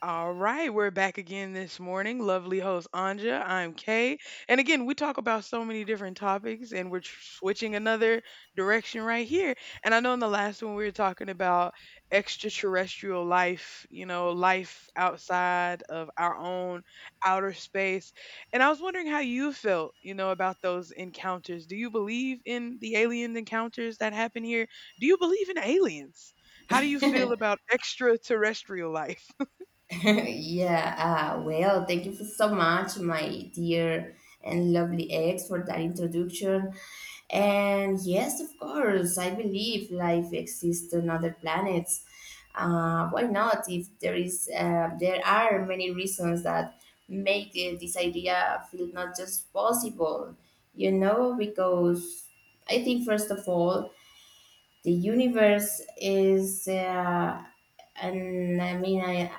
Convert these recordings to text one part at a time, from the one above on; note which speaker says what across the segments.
Speaker 1: All right, we're back again this morning. Lovely host Anja, I'm Kay. And again, we talk about so many different topics and switching another direction right here. And I know in the last one we were talking about extraterrestrial life, you know, life outside of our own outer space. And I was wondering how you felt, you know, about those encounters. Do you believe in the alien encounters that happen here? Do you believe in aliens? How do you feel about extraterrestrial life?
Speaker 2: Yeah, well, thank you for so much, my dear and lovely ex, for that introduction. And yes, of course, I believe life exists on other planets. Why not? If there is, There are many reasons that make this idea feel not just possible, you know, because I think first of all, the universe is and I mean I,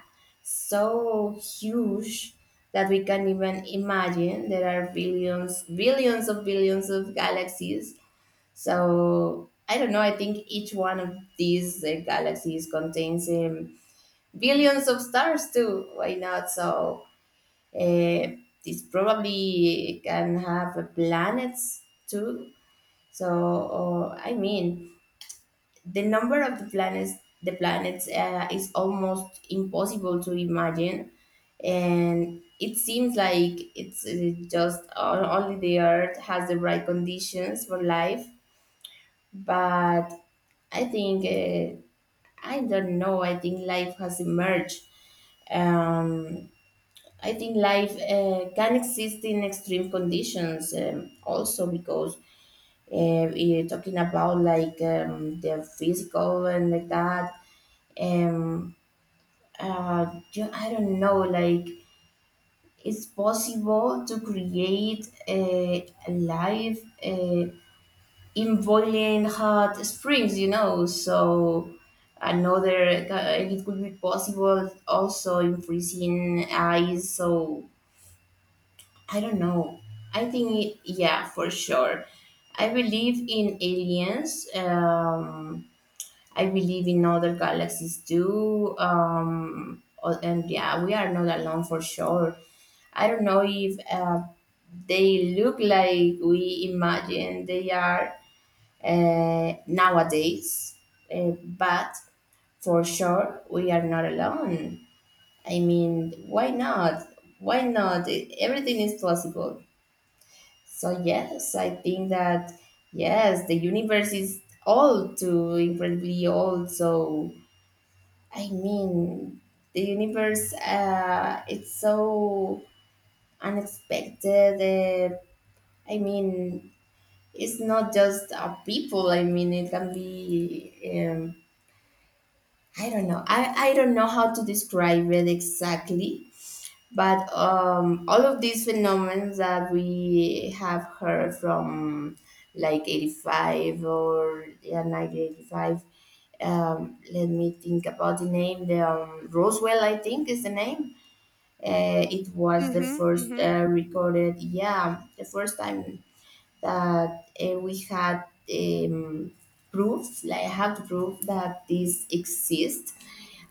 Speaker 2: so huge that we can't even imagine. There are billions of billions of galaxies, so I don't know. I think each one of these galaxies contains billions of stars too, why not? So uh, this probably can have planets too. So or, I mean the number of the planets, the planets is almost impossible to imagine. And it seems like it's just o- only the earth has the right conditions for life, but I think, I don't know, I think life has emerged. um, I think life can exist in extreme conditions, also because you're talking about like, the physical and like that. Um, I don't know, like it's possible to create a life in boiling hot springs, you know. So another, it could be possible also in freezing ice. So I don't know. I think, it, yeah, for sure. I believe in aliens. I believe in other galaxies too. And yeah, we are not alone for sure. I don't know if they look like we imagine they are nowadays, but for sure we are not alone. I mean, why not? Why not? Everything is possible. So yes, I think that yes, the universe is old too, incredibly old. So I mean, the universe, it's so unexpected. Uh, I mean, it's not just people. I mean, it can be. Um, I don't know. I don't know how to describe it exactly, but all of these phenomena that we have heard from like 85, or yeah, 1985, let me think about the name. The, Roswell, I think, is the name. It was the
Speaker 1: Mhm,
Speaker 2: first
Speaker 1: mhm.
Speaker 2: recorded, yeah, the first time that we had, um, proof, like I have proof that this exists.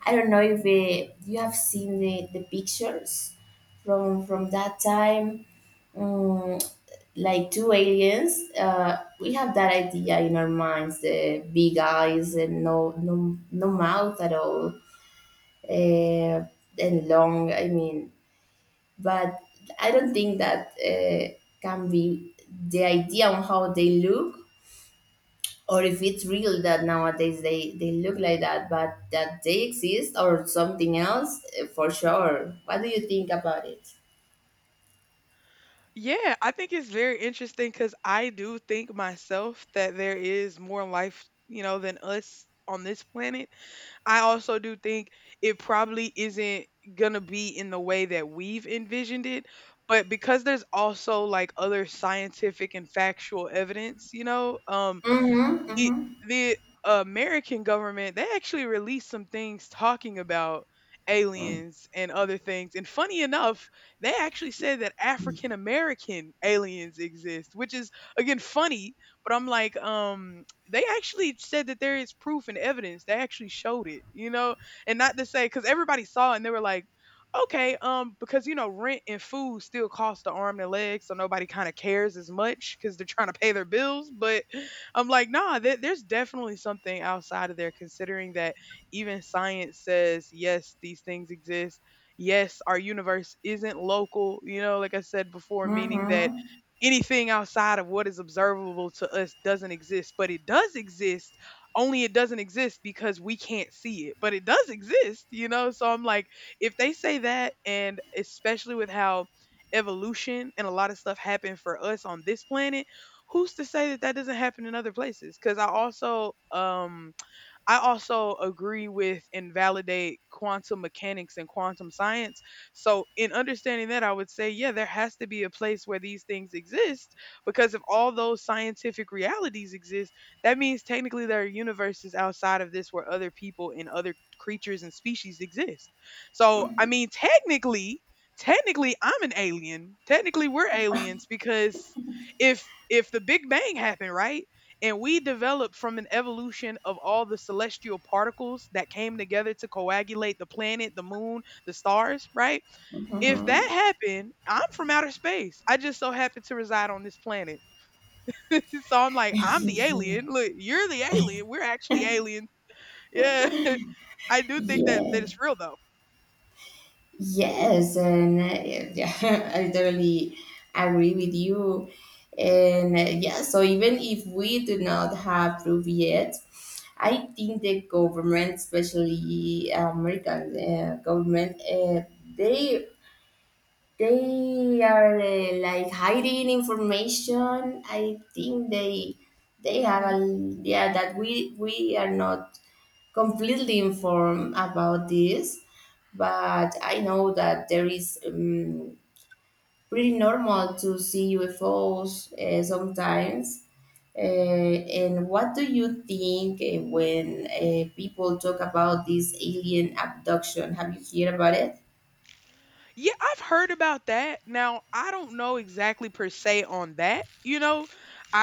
Speaker 2: I don't know if you have seen the pictures from that time, um, like two aliens. We have that idea in our minds: the big eyes and no mouth at all, uh, and long. I mean, but I don't think that can be the idea on how they look, or if it's real that nowadays they look like that, but that they exist or something else, for sure. What do you think about it?
Speaker 1: Yeah, I think it's very interesting because I do think myself that there is more life, you know, than us on this planet. I also do think it probably isn't gonna be in the way that we've envisioned it, but because there's also like other scientific and factual evidence, you know,
Speaker 2: Mm-hmm,
Speaker 1: the
Speaker 2: mm-hmm,
Speaker 1: the American government, they actually released some things talking about aliens and other things. And funny enough, they actually said that African American aliens exist, which is again funny, but I'm like, um, they actually said that there is proof and evidence. They actually showed it, you know? And not to say, cuz everybody saw it and they were like, okay, because, you know, rent and food still cost the arm and a leg, so nobody kind of cares as much because they're trying to pay their bills. But I'm like, nah, there's definitely something outside of there, considering that even science says, yes, these things exist. Yes, our universe isn't local, you know, like I said before, meaning that
Speaker 2: mm-hmm.
Speaker 1: anything outside of what is observable to us doesn't exist, but it does exist. Only it doesn't exist because we can't see it, but it does exist, you know? So I'm like, if they say that, and especially with how evolution and a lot of stuff happened for us on this planet, who's to say that that doesn't happen in other places? Because I also agree with and validate quantum mechanics and quantum science. So, in understanding that, I would say, yeah, there has to be a place where these things exist, because if all those scientific realities exist, that means technically there are universes outside of this where other people and other creatures and species exist. So, I mean, technically, technically I'm an alien. Technically we're aliens because if the Big Bang happened, right? And we developed from an evolution of all the celestial particles that came together to coagulate the planet, the moon, the stars, right? If that happened, I'm from outer space. I just so happen to reside on this planet. So I'm like, I'm the alien. Look, you're the alien. We're actually aliens. Yeah. I do think that
Speaker 2: Yes.
Speaker 1: it's real though.
Speaker 2: Yes, and yeah, I totally agree with you. And yeah, so even if we do not have proof yet, I think the government, especially American, government, they, they are like hiding information. I think they have
Speaker 1: Hmm.
Speaker 2: a, yeah, that we are not completely informed about this, but I know that there is, pretty normal to see UFOs sometimes. And what do you think when people talk about this alien abduction? Have you heard about it?
Speaker 1: Yeah, I've heard about that. Now, I don't know exactly per se on that, you know,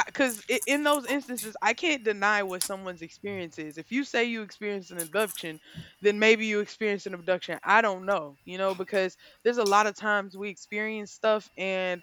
Speaker 1: because in those instances, I can't deny what someone's experience is. If you say you experienced an abduction, then maybe you experienced an abduction. I don't know, you know, because there's a lot of times we experience stuff and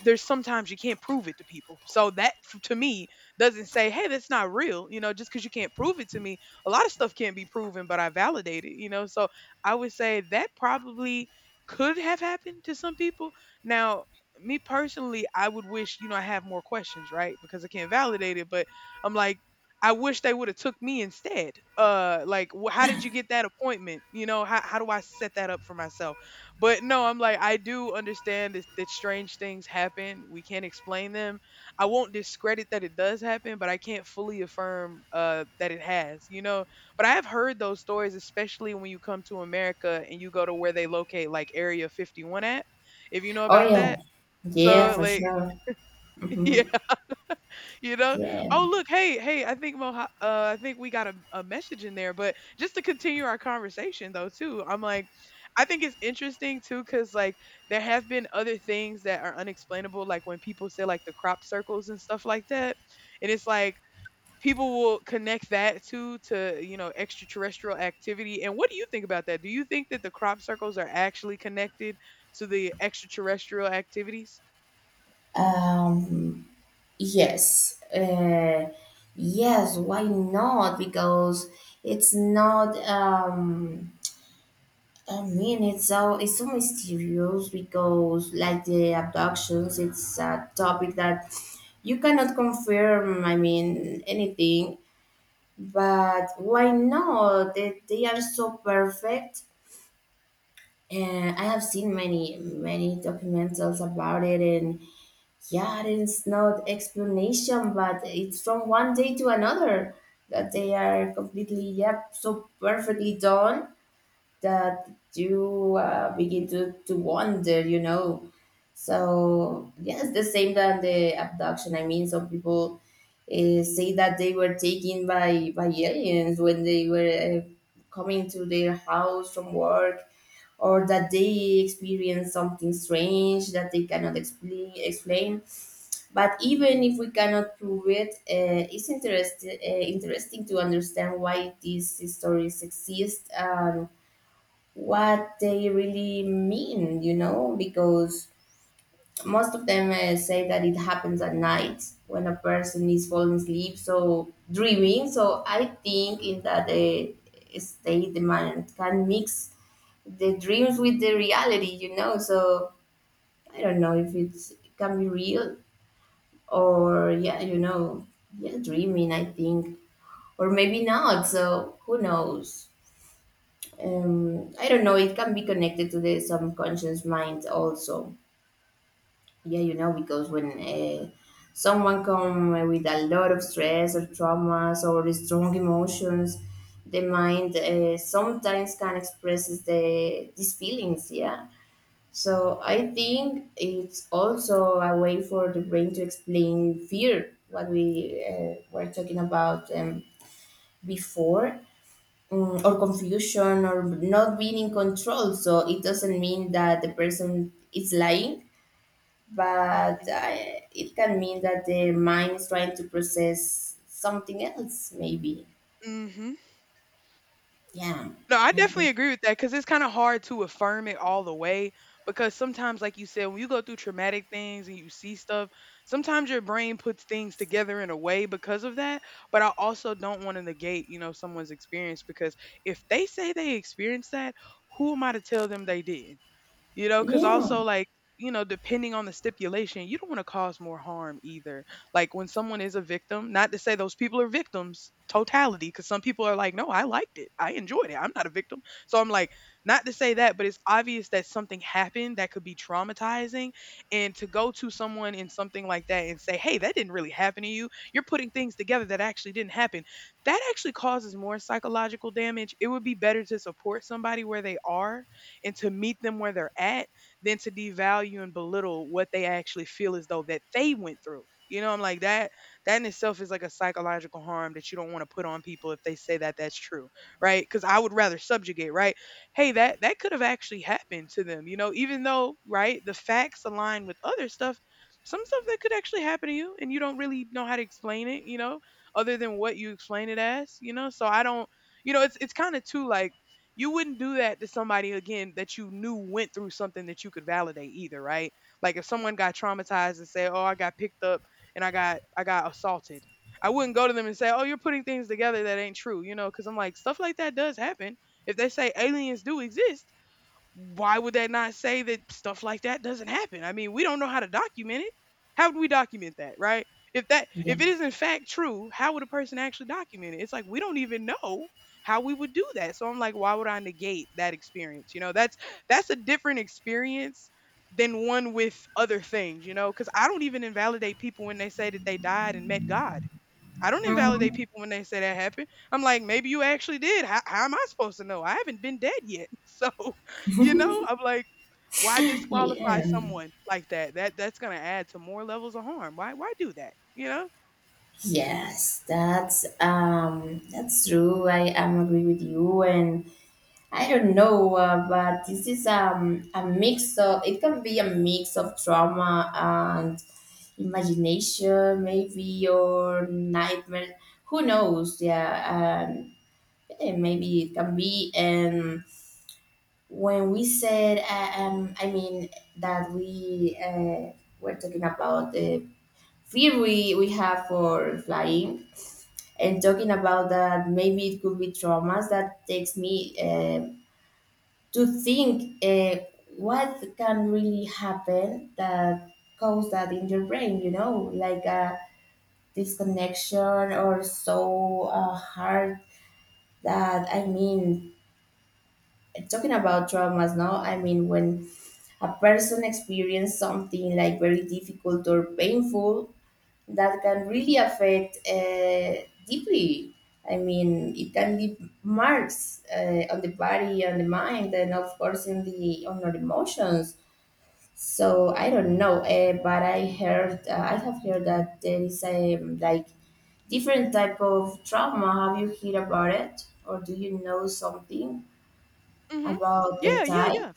Speaker 1: there's sometimes you can't prove it to people. So to me doesn't say, hey, that's not real, you know, just because you can't prove it to me. A lot of stuff can't be proven, but I validate it, you know. So I would say that probably could have happened to some people. Now, me personally, I would wish, you know, I have more questions, right? Because I can't validate it, but I'm like, I wish they would have took me instead. Like, how did you get that appointment? You know, how do I set that up for myself? But no, I'm like, I do understand that strange things happen. We can't explain them. I won't discredit that it does happen, but I can't fully affirm that it has. You know, but I have heard those stories, especially when you come to America and you go to where they locate like Area 51 at, if you know
Speaker 2: Oh
Speaker 1: about
Speaker 2: yeah,
Speaker 1: that.
Speaker 2: yeah,
Speaker 1: So
Speaker 2: for
Speaker 1: like,
Speaker 2: sure.
Speaker 1: yeah,
Speaker 2: Mhm.
Speaker 1: you know.
Speaker 2: Yeah.
Speaker 1: Oh look, hey, hey, I think Moha, I think we got a message in there. But just to continue our conversation though, too, I'm like, I think it's interesting too, cause like there have been other things that are unexplainable, like when people say like the crop circles and stuff like that, and it's like people will connect that to you know extraterrestrial activity. And what do you think about that? Do you think that the crop circles are actually connected to the extraterrestrial activities?
Speaker 2: Um, yes. Yes. Why not? Because it's not. I mean, it's so mysterious because, like the abductions, it's a topic that you cannot confirm. I mean, anything. But why not? They are so perfect. And I have seen many, many documentals about it. And yeah, I didn't know the explanation, but it's from one day to another that they are completely, yep, so perfectly done that you begin to wonder, you know. So, yes, the same than the abduction. I mean, some people say that they were taken by aliens when they were coming to their house from work, or that they experience something strange that they cannot explain. But even if we cannot prove it, it's interesting to understand why these stories exist and what they really mean, you know, because most of them say that it happens at night when a person is falling asleep, so dreaming. So I think in that state, the mind can mix the dreams with the reality, you know. So I don't know if it's, it can be real or, yeah, you know, yeah, dreaming, I think, or maybe not. So who knows? I don't know. It can be connected to the subconscious mind also, yeah, you know, because when someone come with a lot of stress or traumas or strong emotions, the mind sometimes can expresses these feelings, yeah. So I think it's also a way for the brain to explain fear, what we were talking about, before. Mm, or confusion, or not being in control. So it doesn't mean that the person is lying, but
Speaker 1: Hmm.
Speaker 2: it can mean that the mind is trying to process something else, maybe.
Speaker 1: Hmm.
Speaker 2: Yeah.
Speaker 1: No, I
Speaker 2: I- I-
Speaker 1: definitely agree with that because it's kind of hard to affirm it all the way. Because sometimes, like you said, when you go through traumatic things and you see stuff, sometimes your brain puts things together in a way because of that. But I also don't want to negate, you know, someone's experience, because if they say they experienced that, who am I to tell them they did? You know, because
Speaker 2: Yeah.
Speaker 1: also like, you know, depending on the stipulation, you don't want to cause more harm either. Like when someone is a victim, not to say those people are victims totality, because some people are like, no, I liked it, I enjoyed it, I'm not a victim. So I'm like, not to say that, but it's obvious that something happened that could be traumatizing, and to go to someone in something like that and say, hey, that didn't really happen to you, you're putting things together that actually didn't happen, that actually causes more psychological damage. It would be better to support somebody where they are and to meet them where they're at than to devalue and belittle what they actually feel as though that they went through. You know, I'm like that in itself is like a psychological harm that you don't want to put on people if they say that that's true, right? Cuz I would rather subjugate, right? Hey, that could have actually happened to them, you know, even though, right, the facts align with other stuff, some stuff that could actually happen to you and you don't really know how to explain it, you know, other than what you explain it as, you know? So I don't, you know, it's kind of too like, you wouldn't do that to somebody again that you knew went through something that you could validate either, right? Like if someone got traumatized and say, "Oh, I got picked up and I got assaulted." I wouldn't go to them and say, "Oh, you're putting things together that ain't true," you know, cuz I'm like stuff like that does happen. If they say aliens do exist, why would they not say that stuff like that doesn't happen? I mean, we don't know how to document it. How would we document that, right? If that
Speaker 2: Yeah.
Speaker 1: if it is in fact true, how would a person actually document it? It's like we don't even know how we would do that. So I'm like, why would I negate that experience? You know, that's a different experience than one with other things, you know, cuz I don't even invalidate people when they say that they died and met God. I don't invalidate
Speaker 2: Mhm.
Speaker 1: people when they say that happened. I'm like, maybe you actually did. How am I supposed to know? I haven't been dead yet. So, you know, I'm like, why disqualify
Speaker 2: Yeah.
Speaker 1: someone like that? That that's gonna add to more levels of harm. Why do that? You know?
Speaker 2: Yes, that's true. I am agree with you, and I don't know, but this is, a mix of, it can be a mix of trauma and imagination, maybe, or nightmare. Who knows? Yeah, maybe it can be. And when we said, that we were talking about the fear we have for flying, and talking about that maybe it could be traumas that takes me to think what can really happen, that cause that in your brain, you know, like a disconnection, or so hard. That I mean Talking about traumas, no, I mean, when a person experiences something like very difficult or painful, that can really affect deeply. I mean, it can leave marks on the body, on the mind, and of course in the, on our emotions. So I don't know, but I heard, I have heard that there is a, like different type of trauma. Have you heard about it, or do you know something
Speaker 1: Hmm.
Speaker 2: about the
Speaker 1: Yeah, yeah,
Speaker 2: type?
Speaker 1: yeah.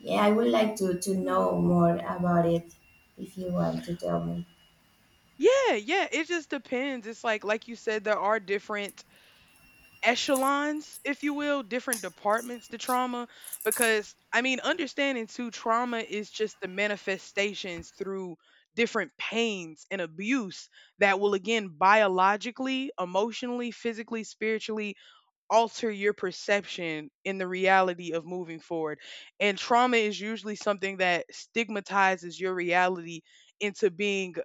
Speaker 2: Yeah, I would like to know
Speaker 1: Hmm.
Speaker 2: more about it if you want to tell me.
Speaker 1: Yeah, yeah. It just depends. It's like you said, there are different echelons, if you will, different departments to trauma. Because, I mean, understanding too, trauma is just the manifestations through different pains and abuse that will, again, biologically, emotionally, physically, spiritually alter your perception in the reality of moving forward. And trauma is usually something that stigmatizes your reality into being,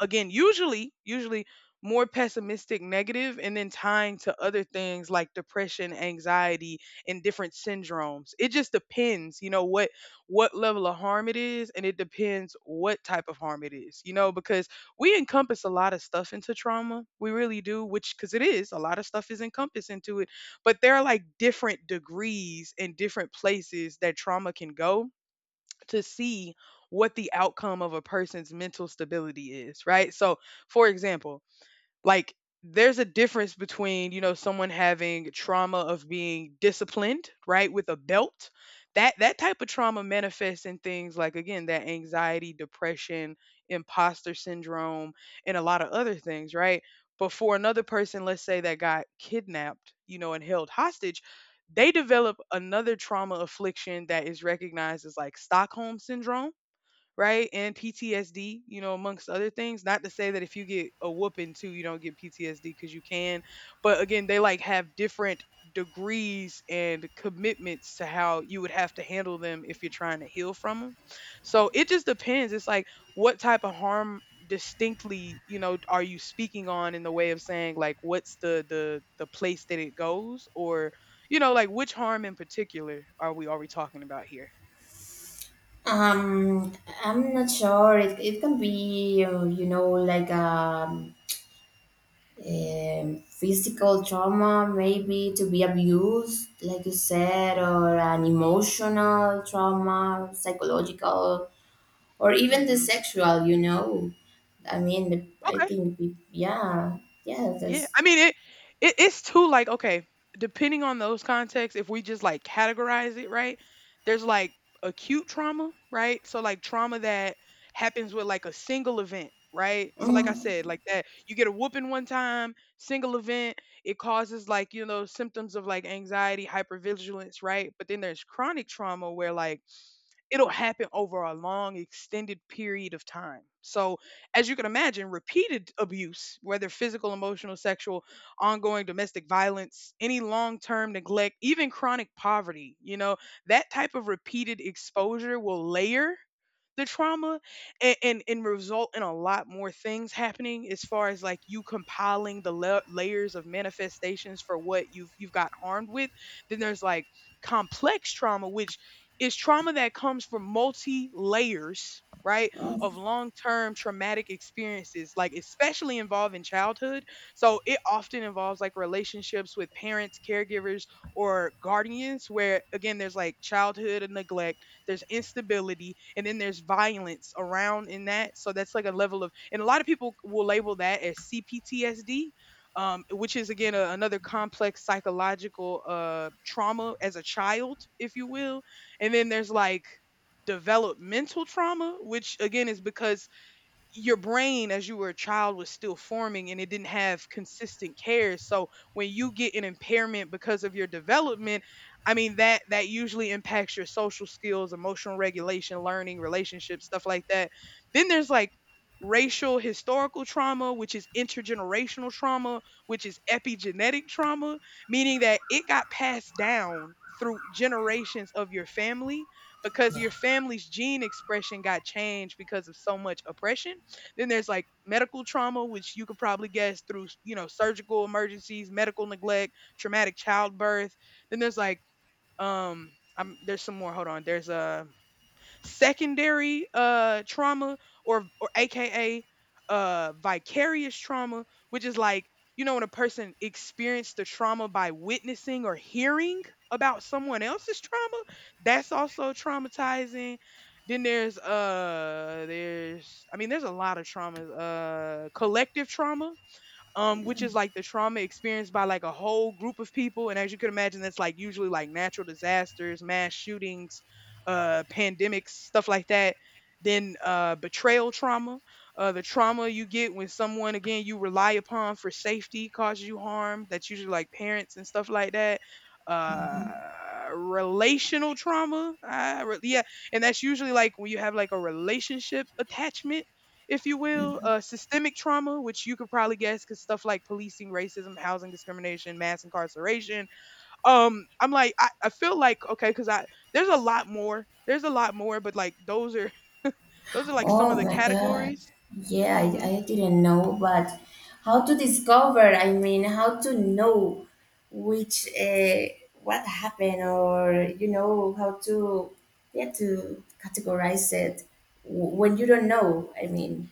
Speaker 1: again, usually more pessimistic, negative, and then tying to other things like depression, anxiety, and different syndromes. It just depends, you know, what level of harm it is, and it depends what type of harm it is, you know, because we encompass a lot of stuff into trauma. We really do, which because it is a lot of stuff is encompassed into it, but there are like different degrees and different places that trauma can go to see what the outcome of a person's mental stability is, right? So, for example, like, there's a difference between, you know, someone having trauma of being disciplined, right, with a belt. That type of trauma manifests in things like, again, that anxiety, depression, imposter syndrome, and a lot of other things, right? But for another person, let's say that got kidnapped, you know, and held hostage, they develop another trauma affliction that is recognized as like Stockholm syndrome, right? And PTSD, you know, amongst other things. Not to say that if you get a whooping too, you don't get PTSD because you can. But again, they like have different degrees and commitments to how you would have to handle them if you're trying to heal from them. So it just depends. It's like what type of harm distinctly, you know, are you speaking on in the way of saying like what's the place that it goes, or you know like which harm in particular are we talking about here?
Speaker 2: Um, I'm not sure. It can be, you know, like a, physical trauma, maybe to be abused, like you said, or an emotional trauma, psychological, or even the
Speaker 1: Mhm.
Speaker 2: sexual, you know. I mean, I
Speaker 1: Okay.
Speaker 2: think, yeah, yeah,
Speaker 1: Yeah,
Speaker 2: that's.
Speaker 1: I mean it's too like okay, depending on those contexts, if we just like categorize it right, there's like acute trauma, right? So like trauma that happens with like a single event, right? So like I
Speaker 2: Mm,
Speaker 1: said, like that you get a whooping one time, single event, it causes like, you know, symptoms of like anxiety, hypervigilance, right? But then there's chronic trauma where like it'll happen over a long extended period of time, so as you can imagine, repeated abuse, whether physical, emotional, sexual, ongoing domestic violence, any long-term neglect, even chronic poverty, you know, that type of repeated exposure will layer the trauma, and result in a lot more things happening, as far as like you compiling the layers of manifestations for what you've got harmed with. Then there's like complex trauma, which is trauma that comes from multi layers, right, of
Speaker 2: mm.
Speaker 1: long term traumatic experiences, like especially involving childhood. So it often involves like relationships with parents, caregivers, or guardians, where again, there's like childhood and neglect, there's instability, and then there's violence around in that. So that's like a level of, and a lot of people will label that as CPTSD. Which is again another complex psychological trauma as a child, if you will. And then there's like developmental trauma, which again is because your brain, as you were a child, was still forming and it didn't have consistent care. So when you get an impairment because of your development, I mean, that usually impacts your social skills, emotional regulation, learning, relationships, stuff like that. Then there's like racial historical trauma, which is intergenerational trauma, which is epigenetic trauma, meaning that it got passed down through generations of your family because
Speaker 2: Yeah.
Speaker 1: your family's gene expression got changed because of so much oppression. Then there's like medical trauma, which you could probably guess through, you know, surgical emergencies, medical neglect, traumatic childbirth. Then there's like um I'm there's some more. Hold on. There's a secondary trauma, or aka vicarious trauma, which is like, you know, when a person experienced the trauma by witnessing or hearing about someone else's trauma, that's also traumatizing. Then there's, I mean, there's a lot of traumas. Collective trauma, which is like the trauma experienced by like a whole group of people. And as you could imagine, that's like usually like natural disasters, mass shootings, pandemics, stuff like that. Then betrayal trauma, the trauma you get when someone, again, you rely upon for safety causes you harm. That's usually like parents and stuff like that. Uh, Relational trauma, yeah, and that's usually like when you have like a relationship attachment, if you will. Systemic trauma, which you could probably guess, because stuff like policing, racism, housing discrimination, mass incarceration. I'm like, I feel like okay, because I there's a lot more, there's a lot more, but like those are those are like some of
Speaker 2: Oh
Speaker 1: the
Speaker 2: my God.
Speaker 1: categories.
Speaker 2: Yeah, I,
Speaker 1: Hmm
Speaker 2: I didn't know, but how to discover? I mean, how to know which, what happened, or you know how to, yeah, to categorize it when you don't know. I mean,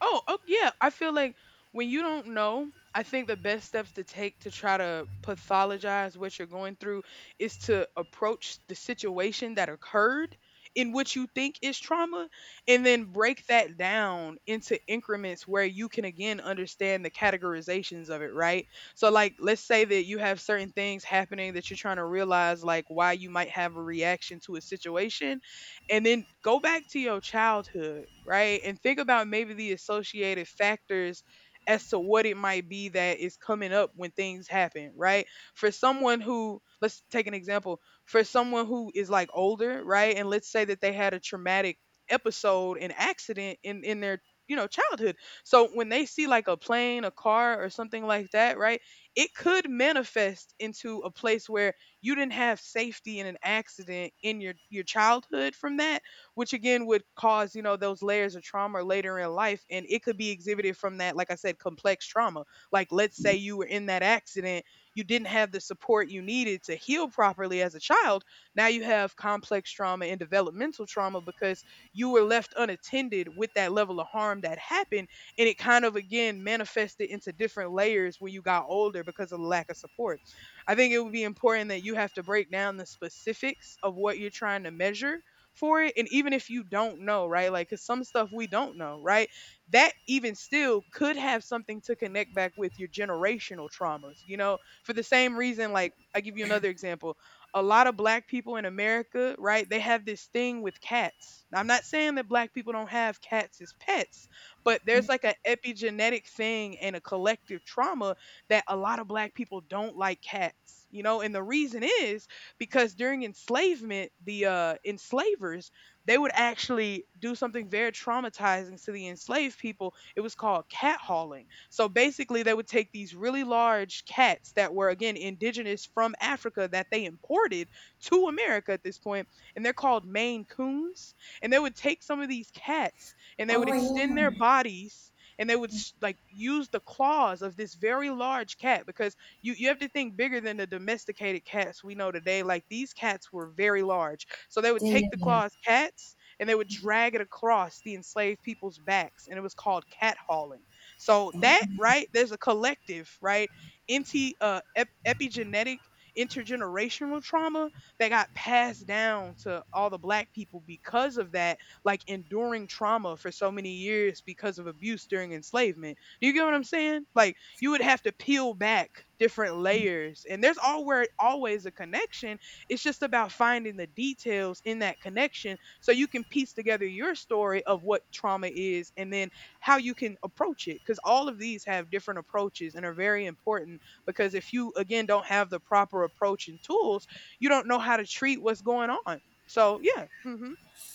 Speaker 1: Oh yeah. I feel like when you don't know, I think the best steps to take to try to pathologize what you're going through is to approach the situation that occurred in what you think is trauma, and then break that down into increments where you can again understand the categorizations of it, right? So like let's say that you have certain things happening that you're trying to realize, like why you might have a reaction to a situation, and then go back to your childhood, right? And think about maybe the associated factors as to what it might be that is coming up when things happen, right? For someone who, let's take an example, for someone who is like older, right? And let's say that they had a traumatic episode, an accident in their, you know, childhood. So when they see like a plane, a car, or something like that, right? It could manifest into a place where you didn't have safety in an accident in your childhood from that, which again would cause, you know, those layers of trauma later in life, and it could be exhibited from that, like I said, complex trauma. Like let's say you were in that accident, you didn't have the support you needed to heal properly as a child, now you have complex trauma and developmental trauma because you were left unattended with that level of harm that happened, and it kind of again manifested into different layers when you got older because of the lack of support. I think it would be important that you have to break down the specifics of what you're trying to measure for it. And even if you don't know, right? Like, cause some stuff we don't know, right? That even still could have something to connect back with your generational traumas, you know, for the same reason, like, I give you another example. A lot of black people in America, right? They have this thing with cats. Now, I'm not saying that black people don't have cats as pets, but there's like an epigenetic thing and a collective trauma that a lot of black people don't like cats, you know, and the reason is because during enslavement, the enslavers, they would actually do something very traumatizing to the enslaved people. It was called cat hauling. So basically, they would take these really large cats that were again indigenous from Africa, that they imported to America at this point, and they're called Maine Coons. And they would take some of these cats and they would
Speaker 2: oh
Speaker 1: extend their
Speaker 2: yeah,
Speaker 1: bodies, and they would like use the claws of this very large cat because you have to think bigger than the domesticated cats we know today. Like these cats were very large, so they would
Speaker 2: yeah,
Speaker 1: take the
Speaker 2: yeah.
Speaker 1: claws cats and they would drag it across the enslaved people's backs, and it was called cat hauling. So that right there's a collective, right, anti epigenetic intergenerational trauma that got passed down to all the black people because of that, like enduring trauma for so many years because of abuse during enslavement. Do you get what I'm saying? Like you would have to peel back different layers, and there's always, always a connection. It's just about finding the details in that connection so you can piece together your story of what trauma is, and then how you can approach it, cuz all of these have different approaches and are very important, because if you again don't have the proper approach and tools, you don't know how to treat what's going on. So, yeah. Mhm.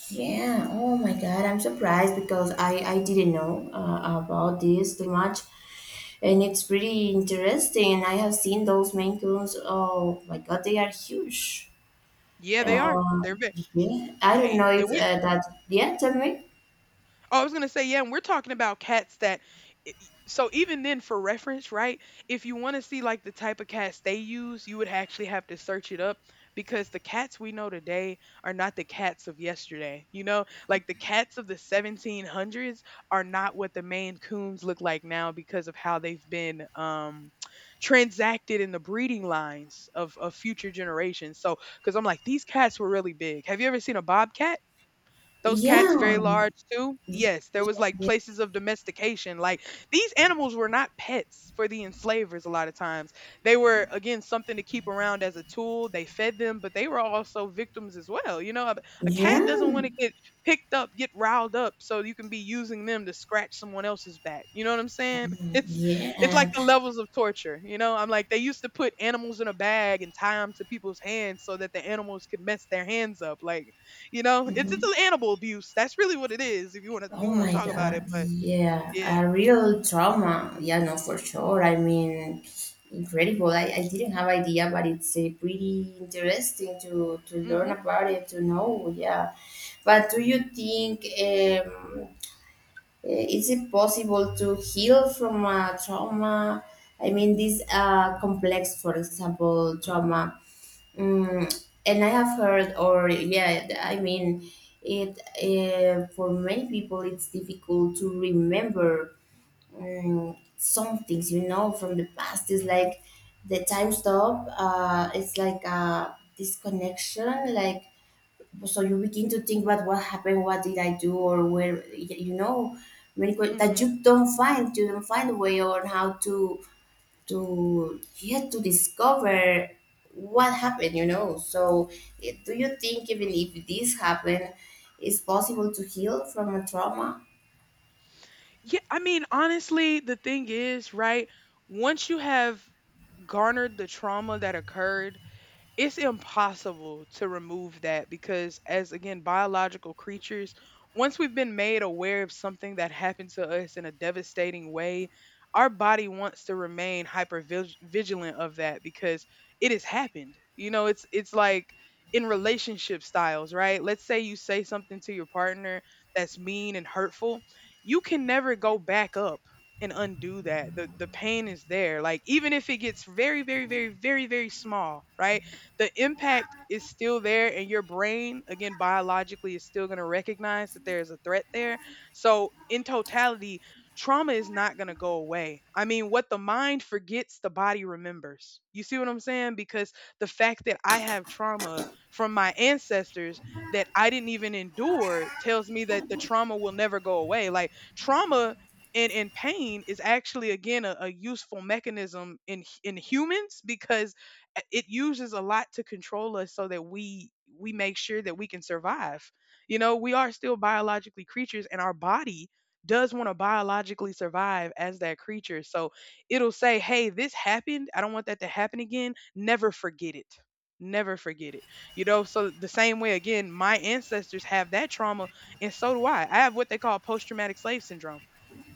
Speaker 2: Yeah. Oh my God. I'm surprised because I didn't know about this too much, and it's pretty interesting. And I have seen those Maine Coons. Oh my God, they are huge.
Speaker 1: Yeah, they are.
Speaker 2: Uh,
Speaker 1: They're big.
Speaker 2: yeah. I don't
Speaker 1: Hey,
Speaker 2: know if
Speaker 1: and we.
Speaker 2: that. Yeah. Tell me.
Speaker 1: Oh, I was gonna say yeah, and we're talking about cats that. So even then, for reference, right? If you want to see like the type of cats they use, you would actually have to search it up, because the cats we know today are not the cats of yesterday. You know, like the cats of the 1700s are not what the Maine Coons look like now, because of how they've been transacted in the breeding lines of future generations. So, because I'm like, these cats were really big. Have you ever seen a bobcat? Those cats
Speaker 2: Yeah.
Speaker 1: very large too. Yes, there was like
Speaker 2: Yeah.
Speaker 1: places of domestication. Like these animals were not pets for the enslavers a lot of times. They were, again, something to keep around as a tool. They fed them, but they were also victims as well. You know, a cat doesn't want to get picked up, get riled up so you can be using them to scratch someone else's back. You know what I'm saying? It's like
Speaker 2: Yeah.
Speaker 1: the levels of torture. You know, I'm like they used to put animals in a bag and tie them to people's hands so that the animals could mess their hands up. Like you know, it's
Speaker 2: Yeah.
Speaker 1: an animal abuse. That's really what it is, if you wanna
Speaker 2: Oh my
Speaker 1: talk about
Speaker 2: God,
Speaker 1: it, but
Speaker 2: yeah,
Speaker 1: yeah.
Speaker 2: a real trauma. Yeah, no, for sure. I mean, incredible. I didn't have idea, but it's pretty interesting to learn
Speaker 1: Mhm,
Speaker 2: about it, to know. Yeah, but do you think, is it possible to heal from a trauma? I mean, this complex, for example, trauma. Mm, and I have heard, or yeah, I mean, it for many people it's difficult to remember, mm, some things, you know, from the past. It's
Speaker 1: mhm,
Speaker 2: like the time stop. It's like a disconnection. Like so, you begin to think about what happened, what did I do, or where, you know, many that
Speaker 1: mhm.
Speaker 2: you don't find a way on how to yeah to discover what happened, you know. So do you think even if this happened, it's possible to heal from a trauma?
Speaker 1: Yeah, I mean, honestly, the thing is, right, once you have garnered the trauma that occurred, it's impossible to remove that, because as again biological creatures, once we've been made aware of something that happened to us in a devastating way, our body wants to remain hyper vigilant of that, because it has happened. You know, it's like in relationship styles, right, let's say you say something to your partner that's mean and hurtful, you can never go back up and undo that. The pain is there. Like even if it gets very, very, very, very, very small, right, the impact is still there, and your brain, again, biologically, is still going to recognize that there's a threat there. So in totality, trauma is not going to go away. I mean, what the mind forgets, the body remembers. You see what I'm saying? Because the fact that I have trauma from my ancestors that I didn't even endure tells me that the trauma will never go away. Like trauma and pain is actually, again, a useful mechanism in humans, because it uses a lot to control us, so that we make sure that we can survive. You know, we are still biologically creatures, and our body does want to biologically survive as that creature. So it'll say, hey, this happened, I don't want that to happen again, never forget it, never forget it. You know, so the same way, again, my ancestors have that trauma, and so do I. I have what they call post-traumatic slave syndrome.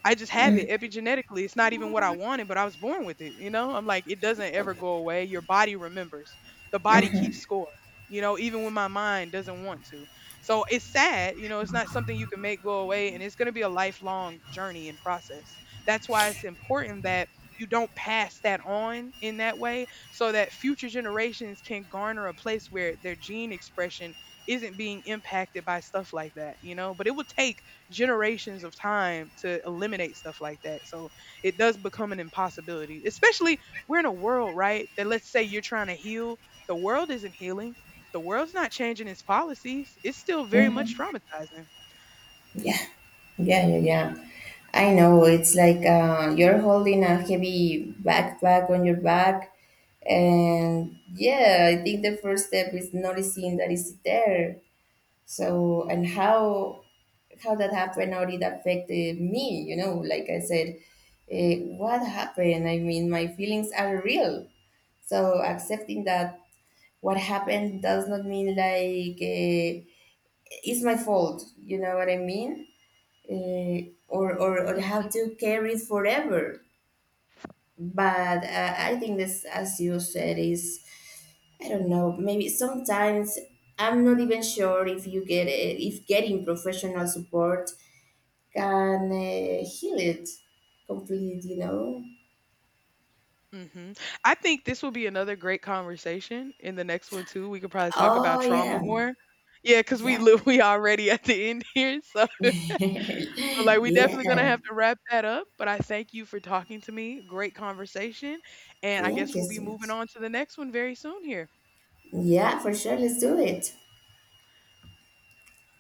Speaker 1: I just have it epigenetically. It's not even what I wanted, but I was born with it. You know, I'm like, it doesn't ever go away. Your body remembers, the body keeps score, you know, even when my mind doesn't want to. So it's sad, you know, it's not something you can make go away. And it's going to be a lifelong journey and process. That's why it's important that you don't pass that on in that way, so that future generations can garner a place where their gene expression isn't being impacted by stuff like that, you know. But it will take generations of time to eliminate stuff like that. So it does become an impossibility, especially we're in a world, right? That let's say you're trying to heal, the world isn't healing. The world's not changing its policies. It's still very much
Speaker 2: Mm-hmm.
Speaker 1: traumatizing.
Speaker 2: Yeah, yeah, yeah, yeah. I know. It's like you're holding a heavy backpack on your back, and yeah, I think the first step is noticing that it's there. So, and how that happened, how it affected me? You know, like I said, what happened? I mean, my feelings are real. So accepting that what happened does not mean like, it's my fault. You know what I mean? Or have
Speaker 1: Hmm
Speaker 2: to carry it forever. But I think this, as you said, is, I don't know. Maybe sometimes I'm not even sure if you get it, if getting professional support can heal it completely, you know?
Speaker 1: hmm I think this will be another great conversation in the next one too. We could probably talk about
Speaker 2: Oh,
Speaker 1: trauma
Speaker 2: yeah.
Speaker 1: more. Yeah, because we
Speaker 2: Yeah,
Speaker 1: live we already at the end here. So Like, we definitely gonna
Speaker 2: yeah.
Speaker 1: have to wrap that up, but I thank you for talking to me. Great conversation, and I
Speaker 2: Thank
Speaker 1: guess
Speaker 2: you
Speaker 1: we'll be
Speaker 2: so
Speaker 1: moving
Speaker 2: much.
Speaker 1: on to the next one very soon here.
Speaker 2: Yeah, for sure. Let's do it.